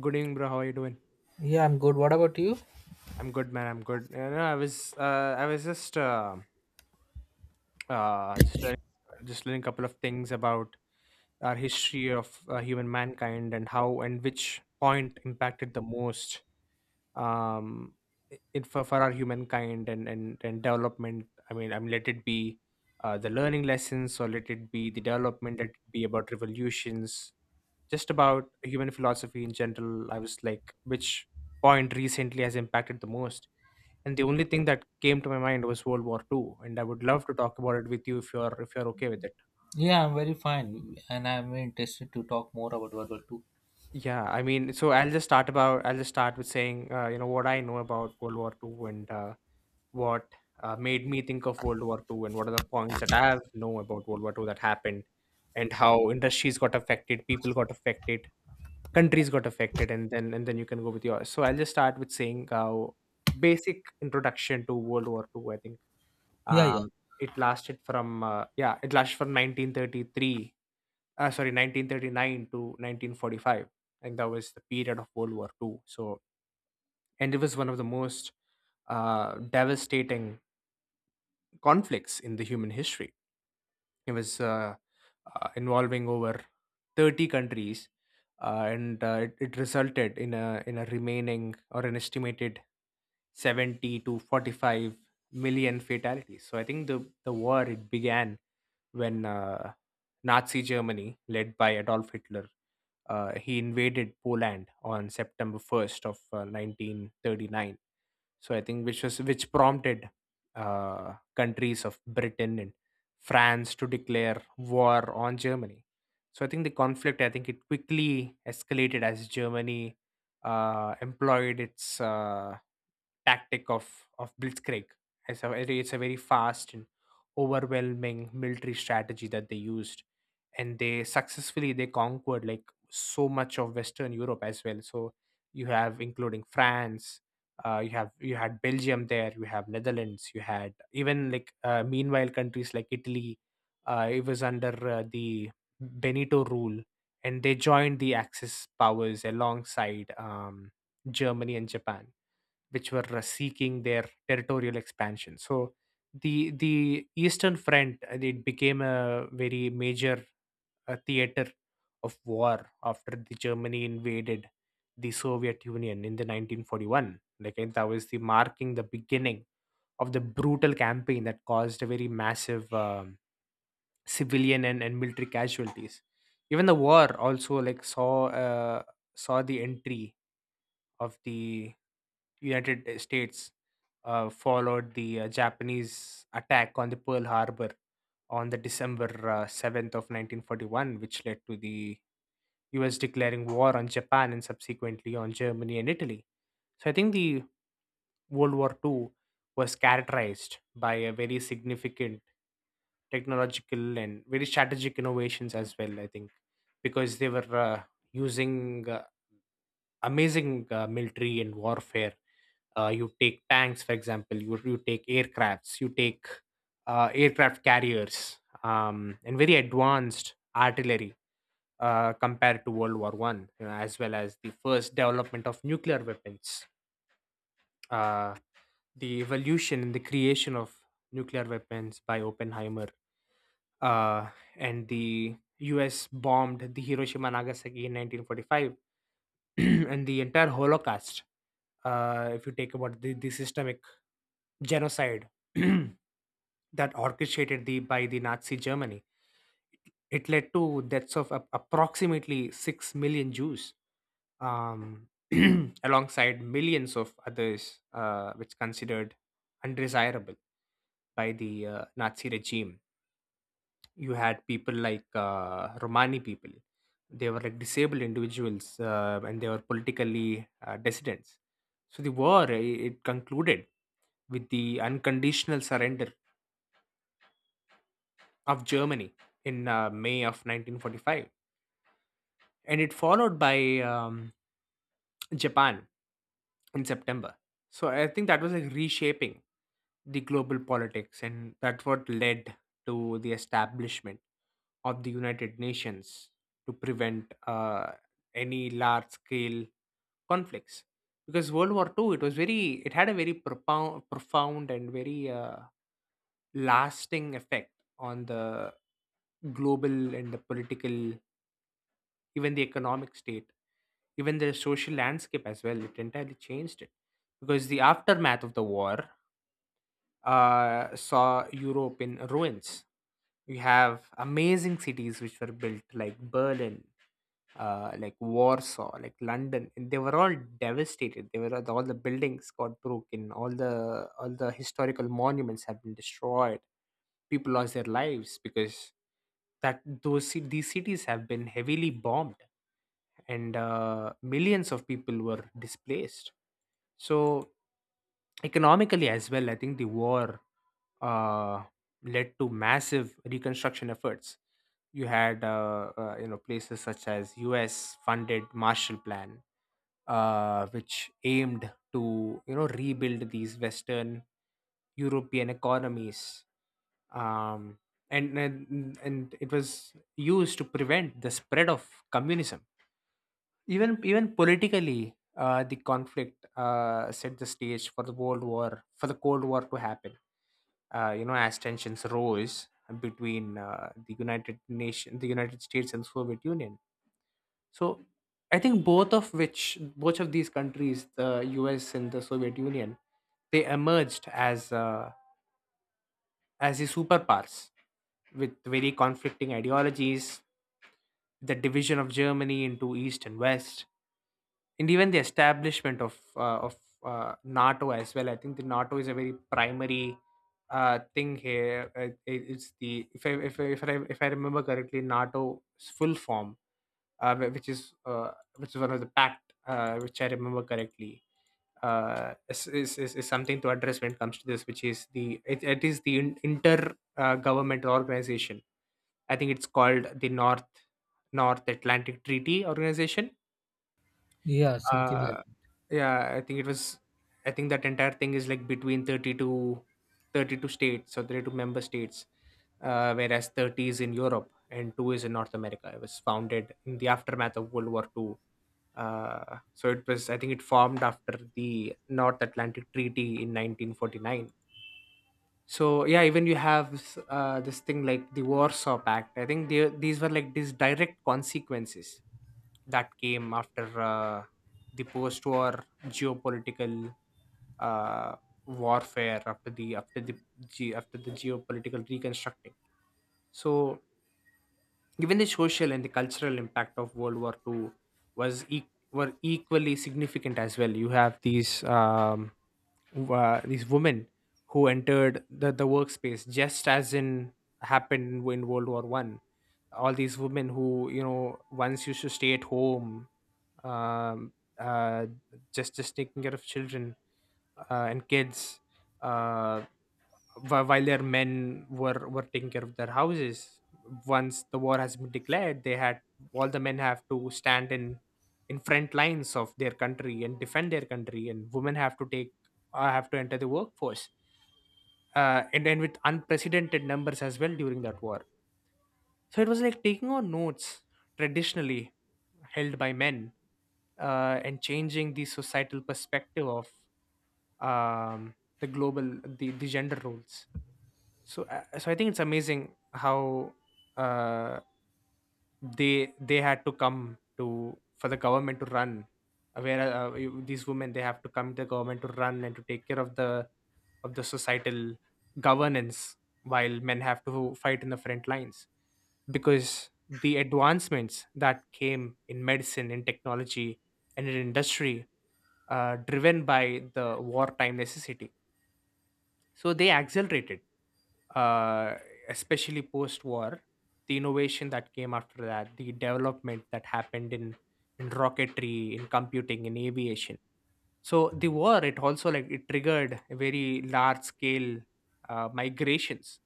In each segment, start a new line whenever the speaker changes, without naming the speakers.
Good evening, bro. How are you doing?
Yeah, I'm good. What about you?
I'm good, man. I'm good. You know, I was uh, just learning, just learning a couple of things about our history of human mankind and how and which point impacted the most, um, it for our humankind and development. I mean, let it be, the learning lessons, or let it be the development. Let it be about revolutions, just about human philosophy in general. I was like, which point recently has impacted the most? And the only thing that came to my mind was World War Two, and I would love to talk about it with you if you're okay with it.
Yeah, I'm very fine, and I'm very interested to talk more about World War Two.
Yeah, I mean, so I'll just start with saying you know what I know about World War Two, and what made me think of World War Two, and what are the points that I have know about World War Two that happened, and how industries got affected, people got affected, countries got affected, and then you can go with yours. So I'll just start with saying how, basic introduction to World War Two. I think
Yeah, yeah.
um it lasted from yeah, it lasted from 1933, sorry, 1939 to 1945. I think that was the period of World War Two. So, and it was one of the most devastating conflicts in the human history. It was involving over 30 countries, it resulted in a remaining or an estimated 70 to 45 million fatalities. So I think the war, it began when Nazi Germany, led by Adolf Hitler, he invaded Poland on September 1st of 1939, so I think, which was, which prompted countries of Britain and France to declare war on Germany. So I think the conflict, I think it quickly escalated as Germany employed its tactic of blitzkrieg. It's a very fast and overwhelming military strategy that they used, and they conquered like so much of Western Europe as well. So you have, including France, you had Belgium there, you have Netherlands, you had even like, meanwhile countries like Italy, it was under the Benito rule, and they joined the Axis powers alongside Germany and Japan, which were seeking their territorial expansion. So the Eastern Front, it became a very major, a theater of war after the Germany invaded the Soviet Union in the 1941. Like, and that was the marking the beginning of the brutal campaign that caused a very massive civilian and military casualties. Even the war also like saw saw the entry of the United States, followed the Japanese attack on the Pearl Harbor on the December 7th of 1941, which led to the US declaring war on Japan and subsequently on Germany and Italy. So I think the World War II was characterized by a very significant technological and very strategic innovations as well. I think because they were using amazing military and warfare. You take tanks, for example. You take aircrafts. You take aircraft carriers and very advanced artillery, compared to World War One, you know, as well as the first development of nuclear weapons, uh, the evolution and the creation of nuclear weapons by Oppenheimer, uh, and the U.S. bombed the Hiroshima and Nagasaki in 1945, and the entire Holocaust. If you take about the systemic genocide that orchestrated the by the Nazi Germany. It led to deaths of approximately 6 million Jews, um, alongside millions of others, which considered undesirable by the Nazi regime. You had people like Romani people. They were like disabled individuals, and they were politically dissidents. So the war, it concluded with the unconditional surrender of Germany in May of 1945. And it followed by um, Japan in September. So I think that was like reshaping the global politics, and that's what led to the establishment of the United Nations, to prevent any large scale conflicts. Because World War Two, it had a very profound and very lasting effect on the global and the political, even the economic state, even the social landscape as well. It entirely changed it, because the aftermath of the war saw Europe in ruins. We have amazing cities which were built, like Berlin, like Warsaw, like London, and they were all devastated. They were all, the buildings got broken, all the historical monuments have been destroyed. People lost their lives because these cities have been heavily bombed, and millions of people were displaced. So, economically, as well, I think the war uh, led to massive reconstruction efforts. You had you know, places such as U.S. funded Marshall Plan, which aimed to, you know, rebuild these Western European economies, um, and it was used to prevent the spread of communism. Even politically, the conflict, set the stage for the Cold War to happen, you know, as tensions rose between the United States and Soviet Union. So I think both of which, both of these countries, the US and the Soviet Union, they emerged as the superpowers with very conflicting ideologies, the division of Germany into East and West, and even the establishment of NATO as well. I think the NATO is a very primary thing here. It's the, if I remember correctly, NATO's full form, uh, wh- which is uh, which is one of the pact, which I remember correctly. Is something to address when it comes to this, which is the, it is the inter governmental organization. I think it's called the North Atlantic Treaty Organization.
Yeah, something like
uh yeah, I think it was, I think that entire thing is like between 32 states, or 32-member states, whereas 30 is in Europe and 2 is in North America. It was founded in the aftermath of World War Two. So it was, I think it formed after the North Atlantic Treaty in 1949. So yeah, even you have this thing like the Warsaw Pact. I think these were like these direct consequences that came after the post-war geopolitical uh, warfare after after the geopolitical reconstructing. So, even the social and the cultural impact of World War Two was were equally significant as well. You have these women who entered the workspace, just as in happened in World War One. All these women who, you know, once used to stay at home, um, uh, just taking care of children and kids, uh, while their men were taking care of their houses. Once the war has been declared, they had, all the men have to stand in front lines of their country and defend their country, and women have to take, have to enter the workforce, and then with unprecedented numbers as well during that war. So it was like taking on notes traditionally held by men, and changing the societal perspective of um, the global the gender roles. So so I think it's amazing how uh, they had to come to, for the government to run, these women, they have to come to the government to run and to take care of the societal governance, while men have to fight in the front lines. Because the advancements that came in medicine, in technology, and in industry, driven by the wartime necessity, so they accelerated, uh, especially post war, the innovation that came after that, the development that happened in rocketry, in computing, in aviation. So the war, it also like, it triggered a very large scale migrations.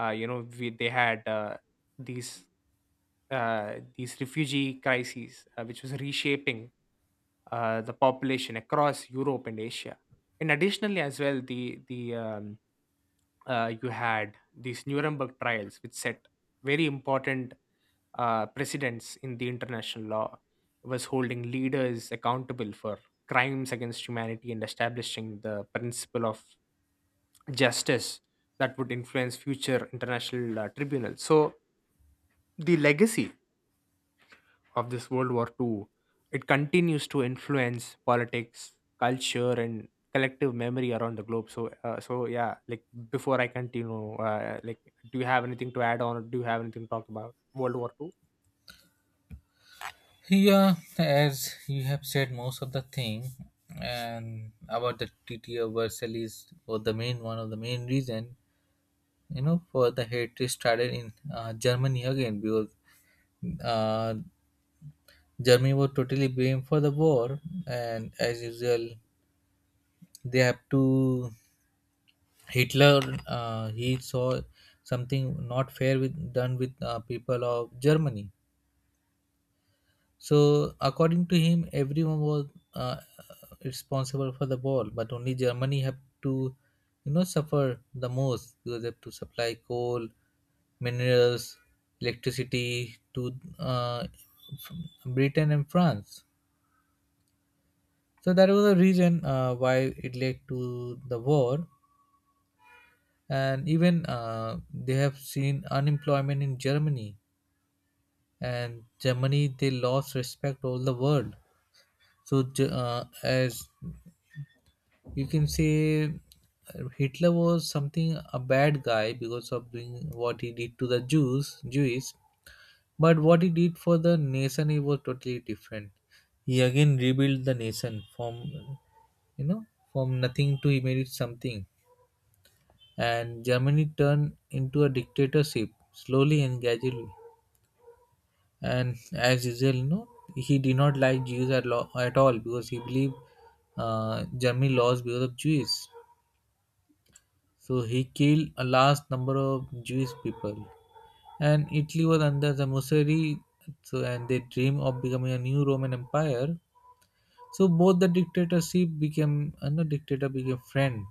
They had these these refugee crises, which was reshaping the population across Europe and Asia. And additionally, as well, the you had these Nuremberg trials, which set very important precedents in the international law, was holding leaders accountable for crimes against humanity and establishing the principle of justice that would influence future international tribunals. So, the legacy of this World War Two, it continues to influence politics, culture, and collective memory around the globe. So so yeah, like before I continue, like, do you have anything to add on? Or do you have anything to talk about World War Two?
yeah, as you have said most of the thing, and about the Treaty of Versailles was the main one of the main reason, you know, for the hatred started in Germany again because uh, Germany was totally blamed for the war, and as usual, they have to Hitler he saw something not fair with done with people of Germany. So according to him, everyone was uh, responsible for the war, but only Germany have to, you know, suffer the most because they have to supply coal, minerals, electricity to uh, Britain and France. So that was the reason why it led to the war, and even they have seen unemployment in Germany, and Germany they lost respect all the world. So as you can say, Hitler was something a bad guy because of doing what he did to the Jews. But what he did for the nation, it was totally different. He again rebuilt the nation from, you know, from nothing to he made it something, and Germany turned into a dictatorship slowly and gradually. And as usual, you know, he did not like Jews at, law, at all because he believed Germany lost because of Jews, so he killed a large number of Jewish people, and Italy was under the Mussolini, so and they dream of becoming a new Roman Empire. So both the dictatorship became no dictator became friend.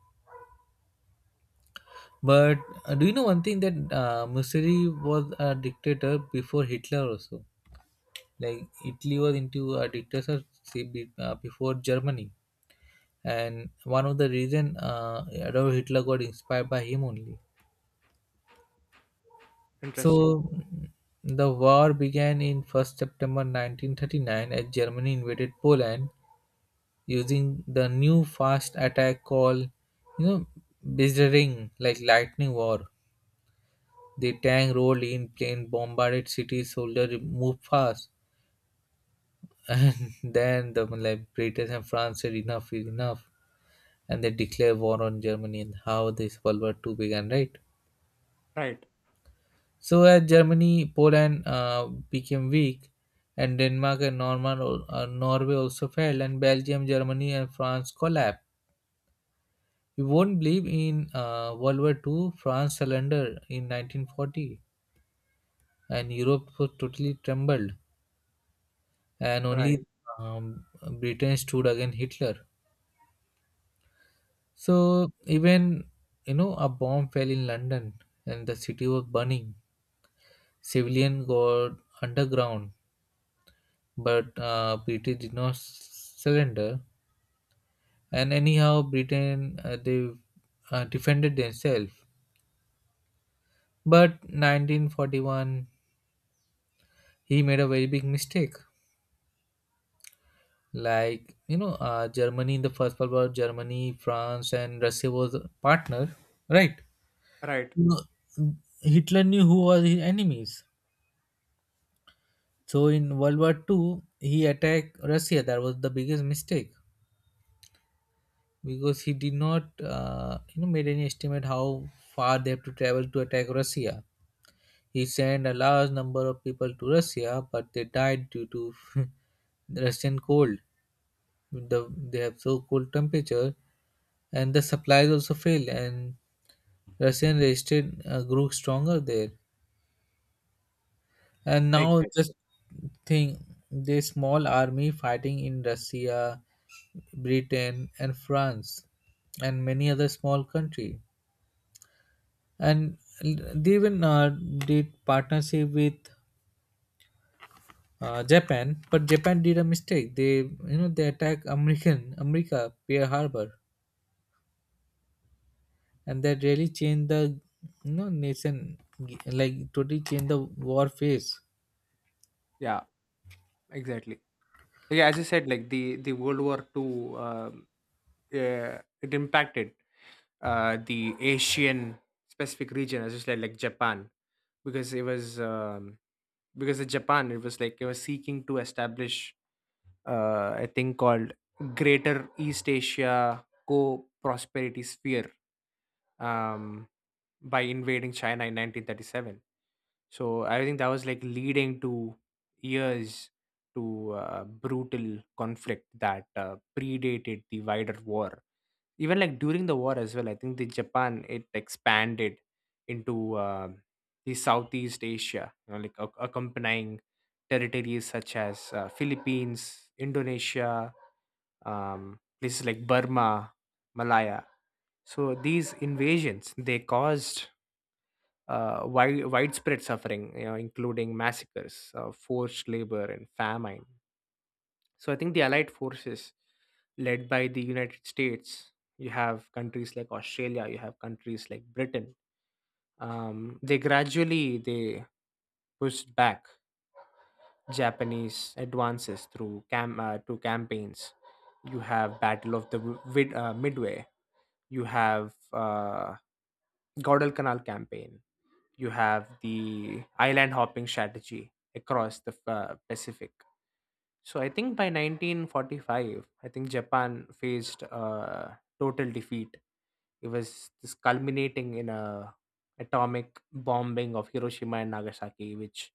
But do you know one thing, that Mussolini was a dictator before Hitler also? Like Italy was into a dictatorship before Germany. And one of the reason Adolf Hitler got inspired by him only.
Interesting.
So the war began in 1st September 1939 as Germany invaded Poland using the new fast attack called, you know, Bizarring, like lightning war. The tank rolled in, plane bombarded cities, soldiers moved fast. And then the, like, Britain and France said enough is enough, and they declared war on Germany, and how this World War Two began, right?
Right.
So as Germany, Poland became weak, and Denmark and Norman, Norway also fell, and Belgium, Germany, and France collapsed. You won't believe in World War Two. France surrendered in 1940, and Europe was totally trembled, and
Right.
only um, Britain stood against Hitler. So even, you know, a bomb fell in London, and the city was burning. Civilian got underground, but British did not surrender. And anyhow, Britain they defended themselves. But 1941, he made a very big mistake. Like, you know, Germany in the First World War, Germany, France, and Russia was a partner, right?
Right.
No, Hitler knew who was his enemies. So in World War Two, he attacked Russia. That was the biggest mistake, because he did not you know made any estimate how far they have to travel to attack Russia. He sent a large number of people to Russia, but they died due to the Russian cold. The, they have so cold temperature, and the supplies also failed, and Russian resisted grew stronger there. And now
Exactly.
just think, this small army fighting in Russia, Britain, and France, and many other small country. And they even did partnership with Japan, but Japan did a mistake. They, you know, they attack America Pearl Harbor, and that really changed the, you know, nation, like totally changed the war phase.
Yeah. Exactly. Yeah, as you said, like the World War Two, uh, it impacted the Asian specific region, as you said, like Japan, because it was, because the Japan, it was like it was seeking to establish a thing called Greater East Asia Co-Prosperity Sphere, um, by invading China in 1937. So I think that was like leading to years to brutal conflict that predated the wider war. Even like during the war as well, I think the Japan it expanded into the Southeast Asia, like accompanying territories such as Philippines, Indonesia, places like Burma, Malaya. So these invasions they caused widespread suffering, including massacres, forced labor, and famine. So I think the Allied forces, led by the United States, you have countries like Australia, you have countries like Britain. They gradually they pushed back Japanese advances through campaigns. You have Battle of the Midway. You have Guadalcanal campaign. You have the island hopping strategy across the Pacific. So I think by 1945, I think Japan faced a total defeat. It was this culminating in a atomic bombing of Hiroshima and Nagasaki, which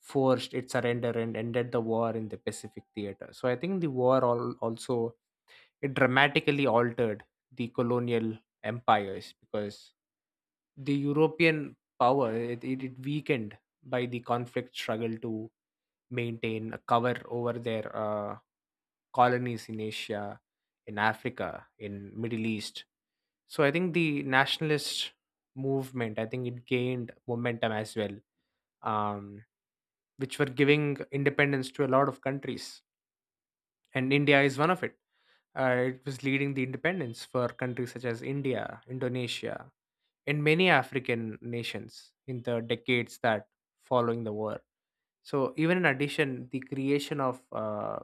forced its surrender and ended the war in the Pacific theater. So I think the war also it dramatically altered the colonial empires because the European power, it weakened by the conflict, struggle to maintain a cover over their colonies in Asia, in Africa, in Middle East. So I think the nationalist movement, I think it gained momentum as well, um, which were giving independence to a lot of countries, and India is one of it. It was leading the independence for countries such as India, Indonesia, in many African nations in the decades that following the war. So even in addition, the creation of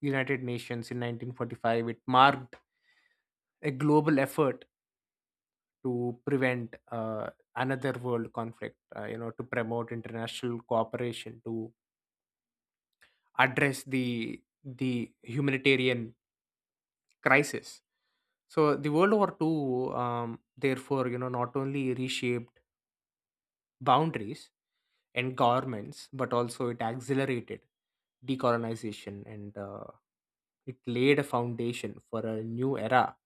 United Nations in 1945 it marked a global effort to prevent another world conflict. To promote international cooperation to address the humanitarian crisis. So the World War Two, therefore, not only reshaped boundaries and governments, but also it accelerated decolonization, and it laid a foundation for a new era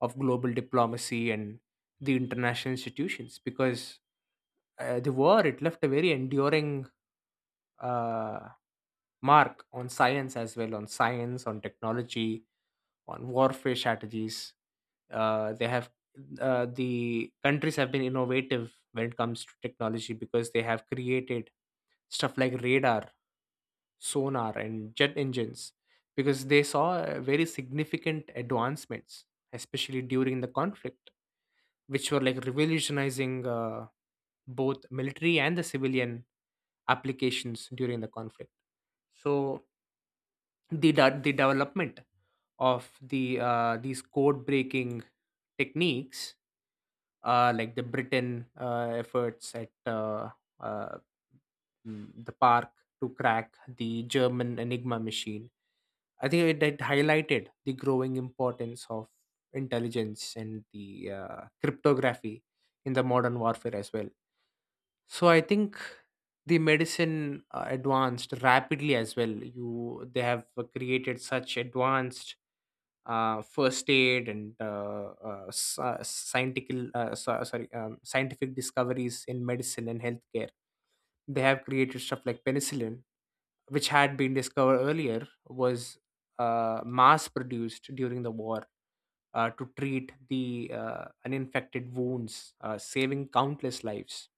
of global diplomacy and the international institutions, because the war it left a very enduring uh, mark on science as well, on science, on technology, on warfare strategies. They have, the countries have been innovative when it comes to technology, because they have created stuff like radar, sonar, and jet engines, because they saw very significant advancements, especially during the conflict, which were like revolutionizing both military and the civilian applications during the conflict. So the development of these code breaking techniques, like the Britain efforts at uh, the park to crack the German Enigma machine. I think it highlighted the growing importance of intelligence and the cryptography in the modern warfare as well. So I think the medicine advanced rapidly as well. You they have created such advanced first aid and scientific, sorry, scientific discoveries in medicine and healthcare. They have created stuff like penicillin, which had been discovered earlier, was mass produced during the war to treat the uninfected wounds, saving countless lives.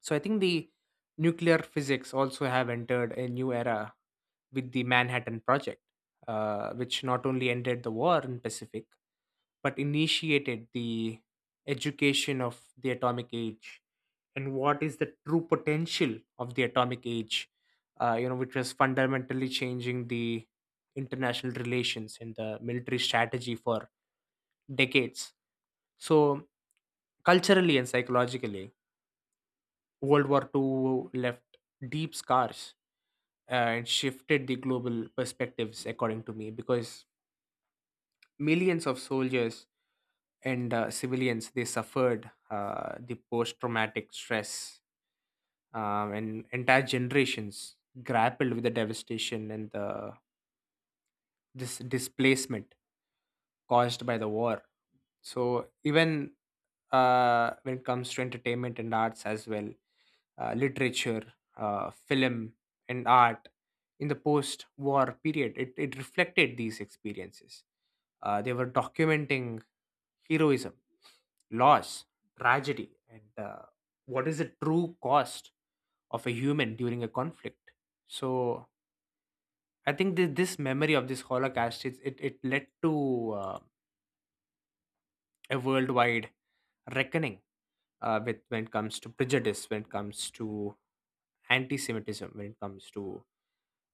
So I think the nuclear physics also have entered a new era with the Manhattan Project, which not only ended the war in Pacific but initiated the education of the atomic age and what is the true potential of the atomic age, which was fundamentally changing the international relations and the military strategy for decades. So culturally and psychologically, World War Two left deep scars and shifted the global perspectives, according to me, because millions of soldiers and civilians they suffered the post-traumatic stress, and entire generations grappled with the devastation and the this displacement caused by the war. So even when it comes to entertainment and arts as well, literature, film, and art in the post war period. It reflected these experiences. They were documenting heroism, loss, tragedy, and what is the true cost of a human during a conflict. So I think this memory of this Holocaust, it led to a worldwide reckoning with, when it comes to prejudice, when it comes to anti-Semitism, when it comes to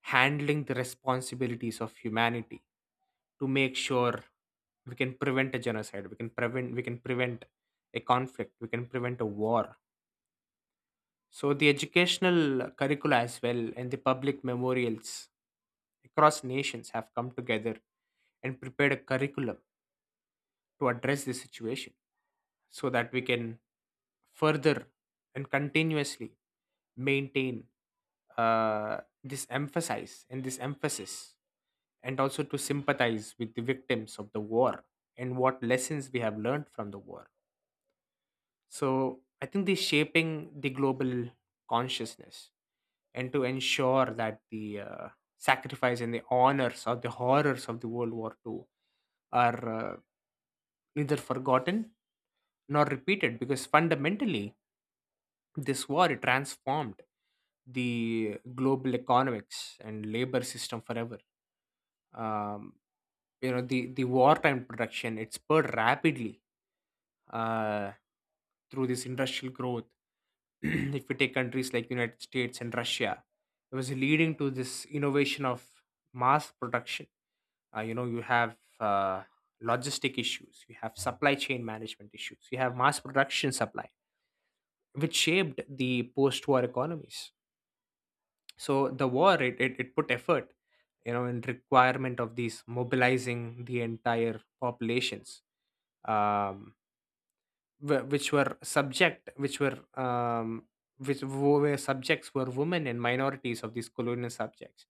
handling the responsibilities of humanity, to make sure we can prevent a genocide, we can prevent a conflict, we can prevent a war. So the educational curricula as well and the public memorials across nations have come together and prepared a curriculum to address this situation so that we can further and continuously maintain uh, this emphasis and also to sympathize with the victims of the war and what lessons we have learned from the war. So I think this shaping the global consciousness and to ensure that the sacrifice and the honors or the horrors of the World War II are neither forgotten nor repeated, because fundamentally this war it transformed the global economics and labor system forever. Um, you know the the wartime production it spurred rapidly uh, through this industrial growth. If we take countries like United States and Russia, it was leading to this innovation of mass production. You have logistic issues, you have supply chain management issues, you have mass production supply, which shaped the post-war economies. So the war, it put effort, in requirement of these mobilizing the entire populations, um, which were subject, which were, were subjects, were women and minorities of these colonial subjects,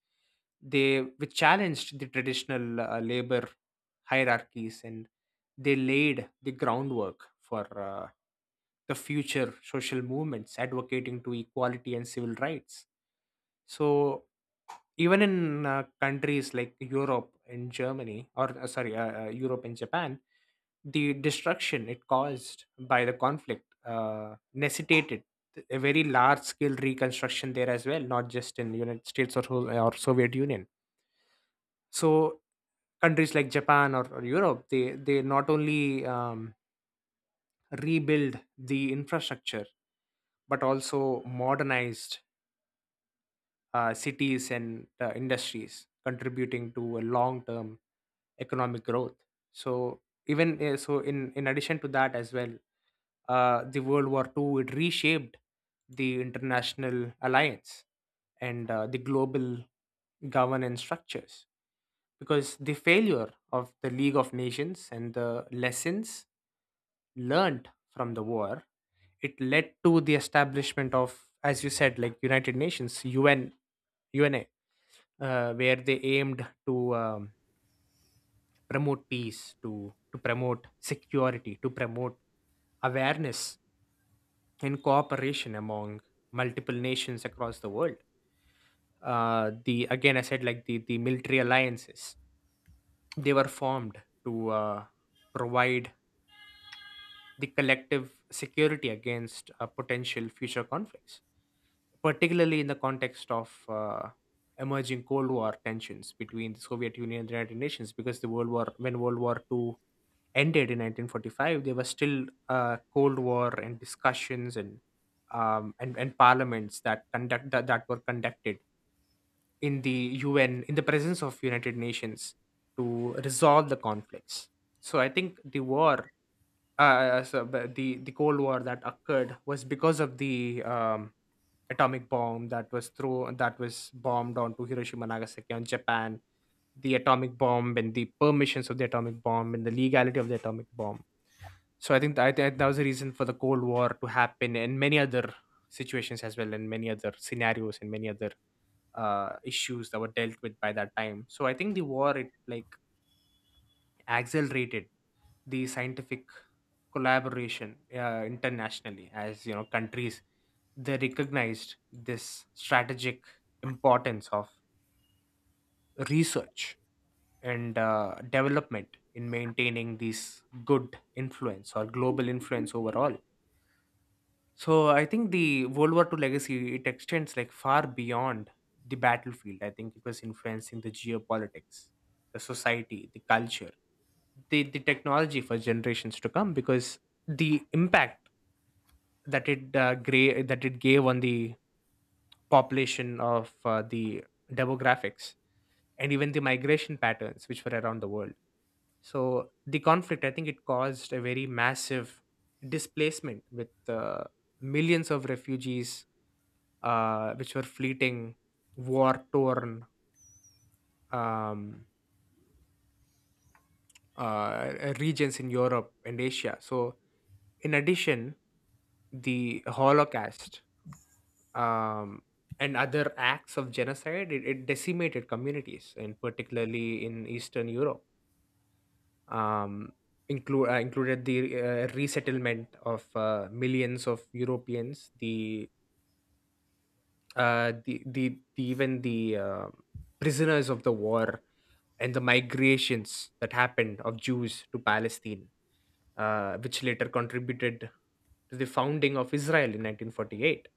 they, which challenged the traditional labor hierarchies, and they laid the groundwork for the future social movements advocating to equality and civil rights. So even in countries like Europe and Germany, or, sorry, Europe and Japan, the destruction it caused by the conflict necessitated a very large scale reconstruction there as well, not just in United States, or, Soviet Union. So countries like Japan, or, Europe, they not only rebuild the infrastructure, but also modernized cities and industries, contributing to a long-term economic growth. So even in addition to that as well, the world war Two it reshaped the international alliance and the global governance structures, because the failure of the League of Nations and the lessons learned from the war, it led to the establishment of, as you said, like United Nations, UN, una where they aimed to promote peace, to promote security, to promote awareness and cooperation among multiple nations across the world. The Again, I said, like the military alliances, they were formed to provide the collective security against potential future conflicts, particularly in the context of emerging Cold War tensions between the Soviet Union and the United Nations. Because the World War, when World War II ended in 1945, there was still Cold War and discussions, and and parliaments that were conducted in the UN in the presence of United Nations to resolve the conflicts. So I think the war, so the Cold War that occurred was because of the, atomic bomb that was bombed onto Hiroshima, Nagasaki, on Japan. The atomic bomb, and the permissions of the atomic bomb, and the legality of the atomic bomb. So I think that was the reason for the Cold War to happen, and many other situations as well, and many other scenarios, and many other issues that were dealt with by that time. So I think the war it like accelerated the scientific collaboration internationally, as you know, countries they recognized this strategic importance of research and development in maintaining this good influence or global influence overall. So I think the World War Two legacy it extends like far beyond the battlefield. I think it was influencing the geopolitics, the society, the culture, the technology for generations to come, because the impact that it gave on the population of the demographics, and even the migration patterns which were around the world. So the conflict, I think, it caused a very massive displacement, with millions of refugees which were fleeting, war torn, um, regions in Europe and Asia. So, in addition, the Holocaust, um, and other acts of genocide, it decimated communities, and particularly in Eastern Europe. Um, included the resettlement of millions of Europeans, the prisoners of the war, and the migrations that happened of Jews to Palestine, which later contributed to the founding of Israel in 1948.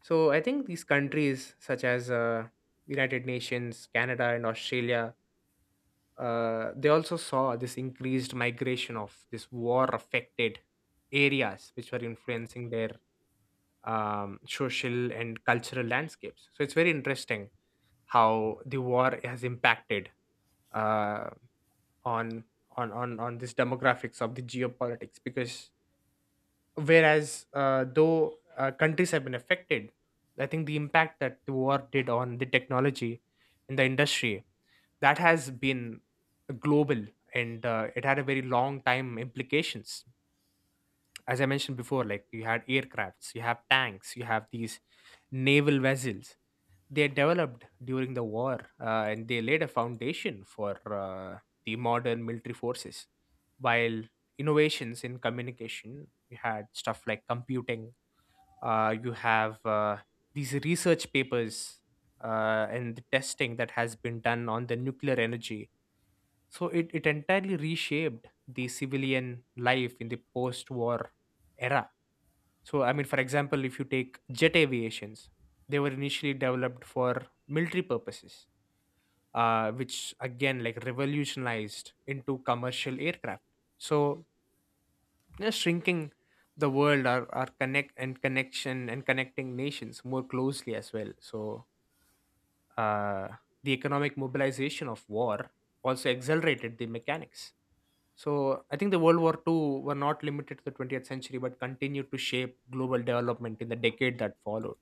So I think these countries, such as United Nations, Canada, and Australia, they also saw this increased migration of this war-affected areas, which were influencing their social and cultural landscapes. So it's very interesting how the war has impacted uh, on this demographics of the geopolitics, because whereas though countries have been affected, I think the impact that the war did on the technology, in the industry, that has been global, and it had a very long time implications, as I mentioned before, like you had aircrafts, you have tanks, you have these naval vessels, they developed during the war, and they laid a foundation for the modern military forces, while innovations in communication, you had stuff like computing, you have these research papers, and the testing that has been done on the nuclear energy. So it entirely reshaped the civilian life in the post-war era. So, I mean, for example, if you take jet aviations, they were initially developed for military purposes, which again, like, revolutionized into commercial aircraft. So, shrinking the world, or, connect and connection and connecting nations more closely as well. So, uh, the economic mobilization of war also accelerated the mechanics. So I think the World War II were not limited to the 20th century, but continued to shape global development in the decade that followed.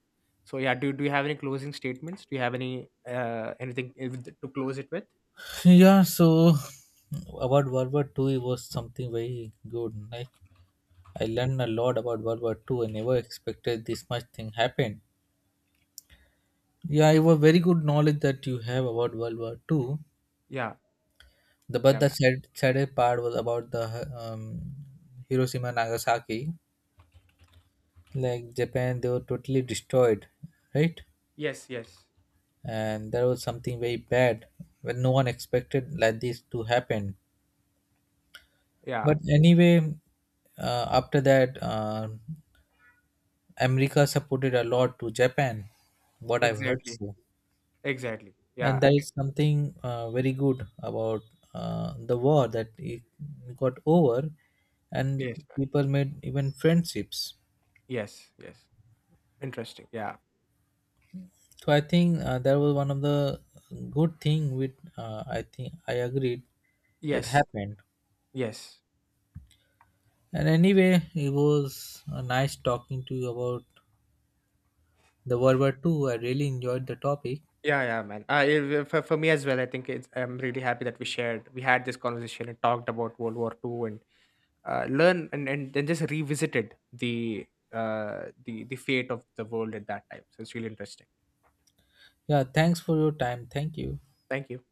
So yeah, do you have any closing statements? Do you have anything, to close it with?
Yeah, so about World War Two, it was something very good. Like, I learned a lot about World War Two. I never expected this much thing happened. Yeah, it was very good knowledge that you have about World War Two.
Yeah,
The but
yeah, man.
the saddest part was about the um, Hiroshima and Nagasaki. Like, Japan, they were totally destroyed, right?
Yes, yes,
And that was something very bad. When no one expected like this to happen.
yeah,
But anyway, after that, America supported a lot to Japan. What I've heard
exactly,
so,
exactly. Yeah,
and that is something very good about the war that it got over, and
yes, man.
people made even friendships.
Yes, yes. Interesting. Yeah,
So I think that was one of the good thing with I think I agreed that
yes,
happened.
yes.
And anyway, it was nice talking to you about the World War Two. I really enjoyed the topic.
Yeah, yeah, man. For me as well, I think it's, I'm really happy that we shared, we had this conversation and talked about World War II, and learn, and then just revisited the fate of the world at that time. So it's really interesting.
Yeah, thanks for your time. Thank you.
Thank you.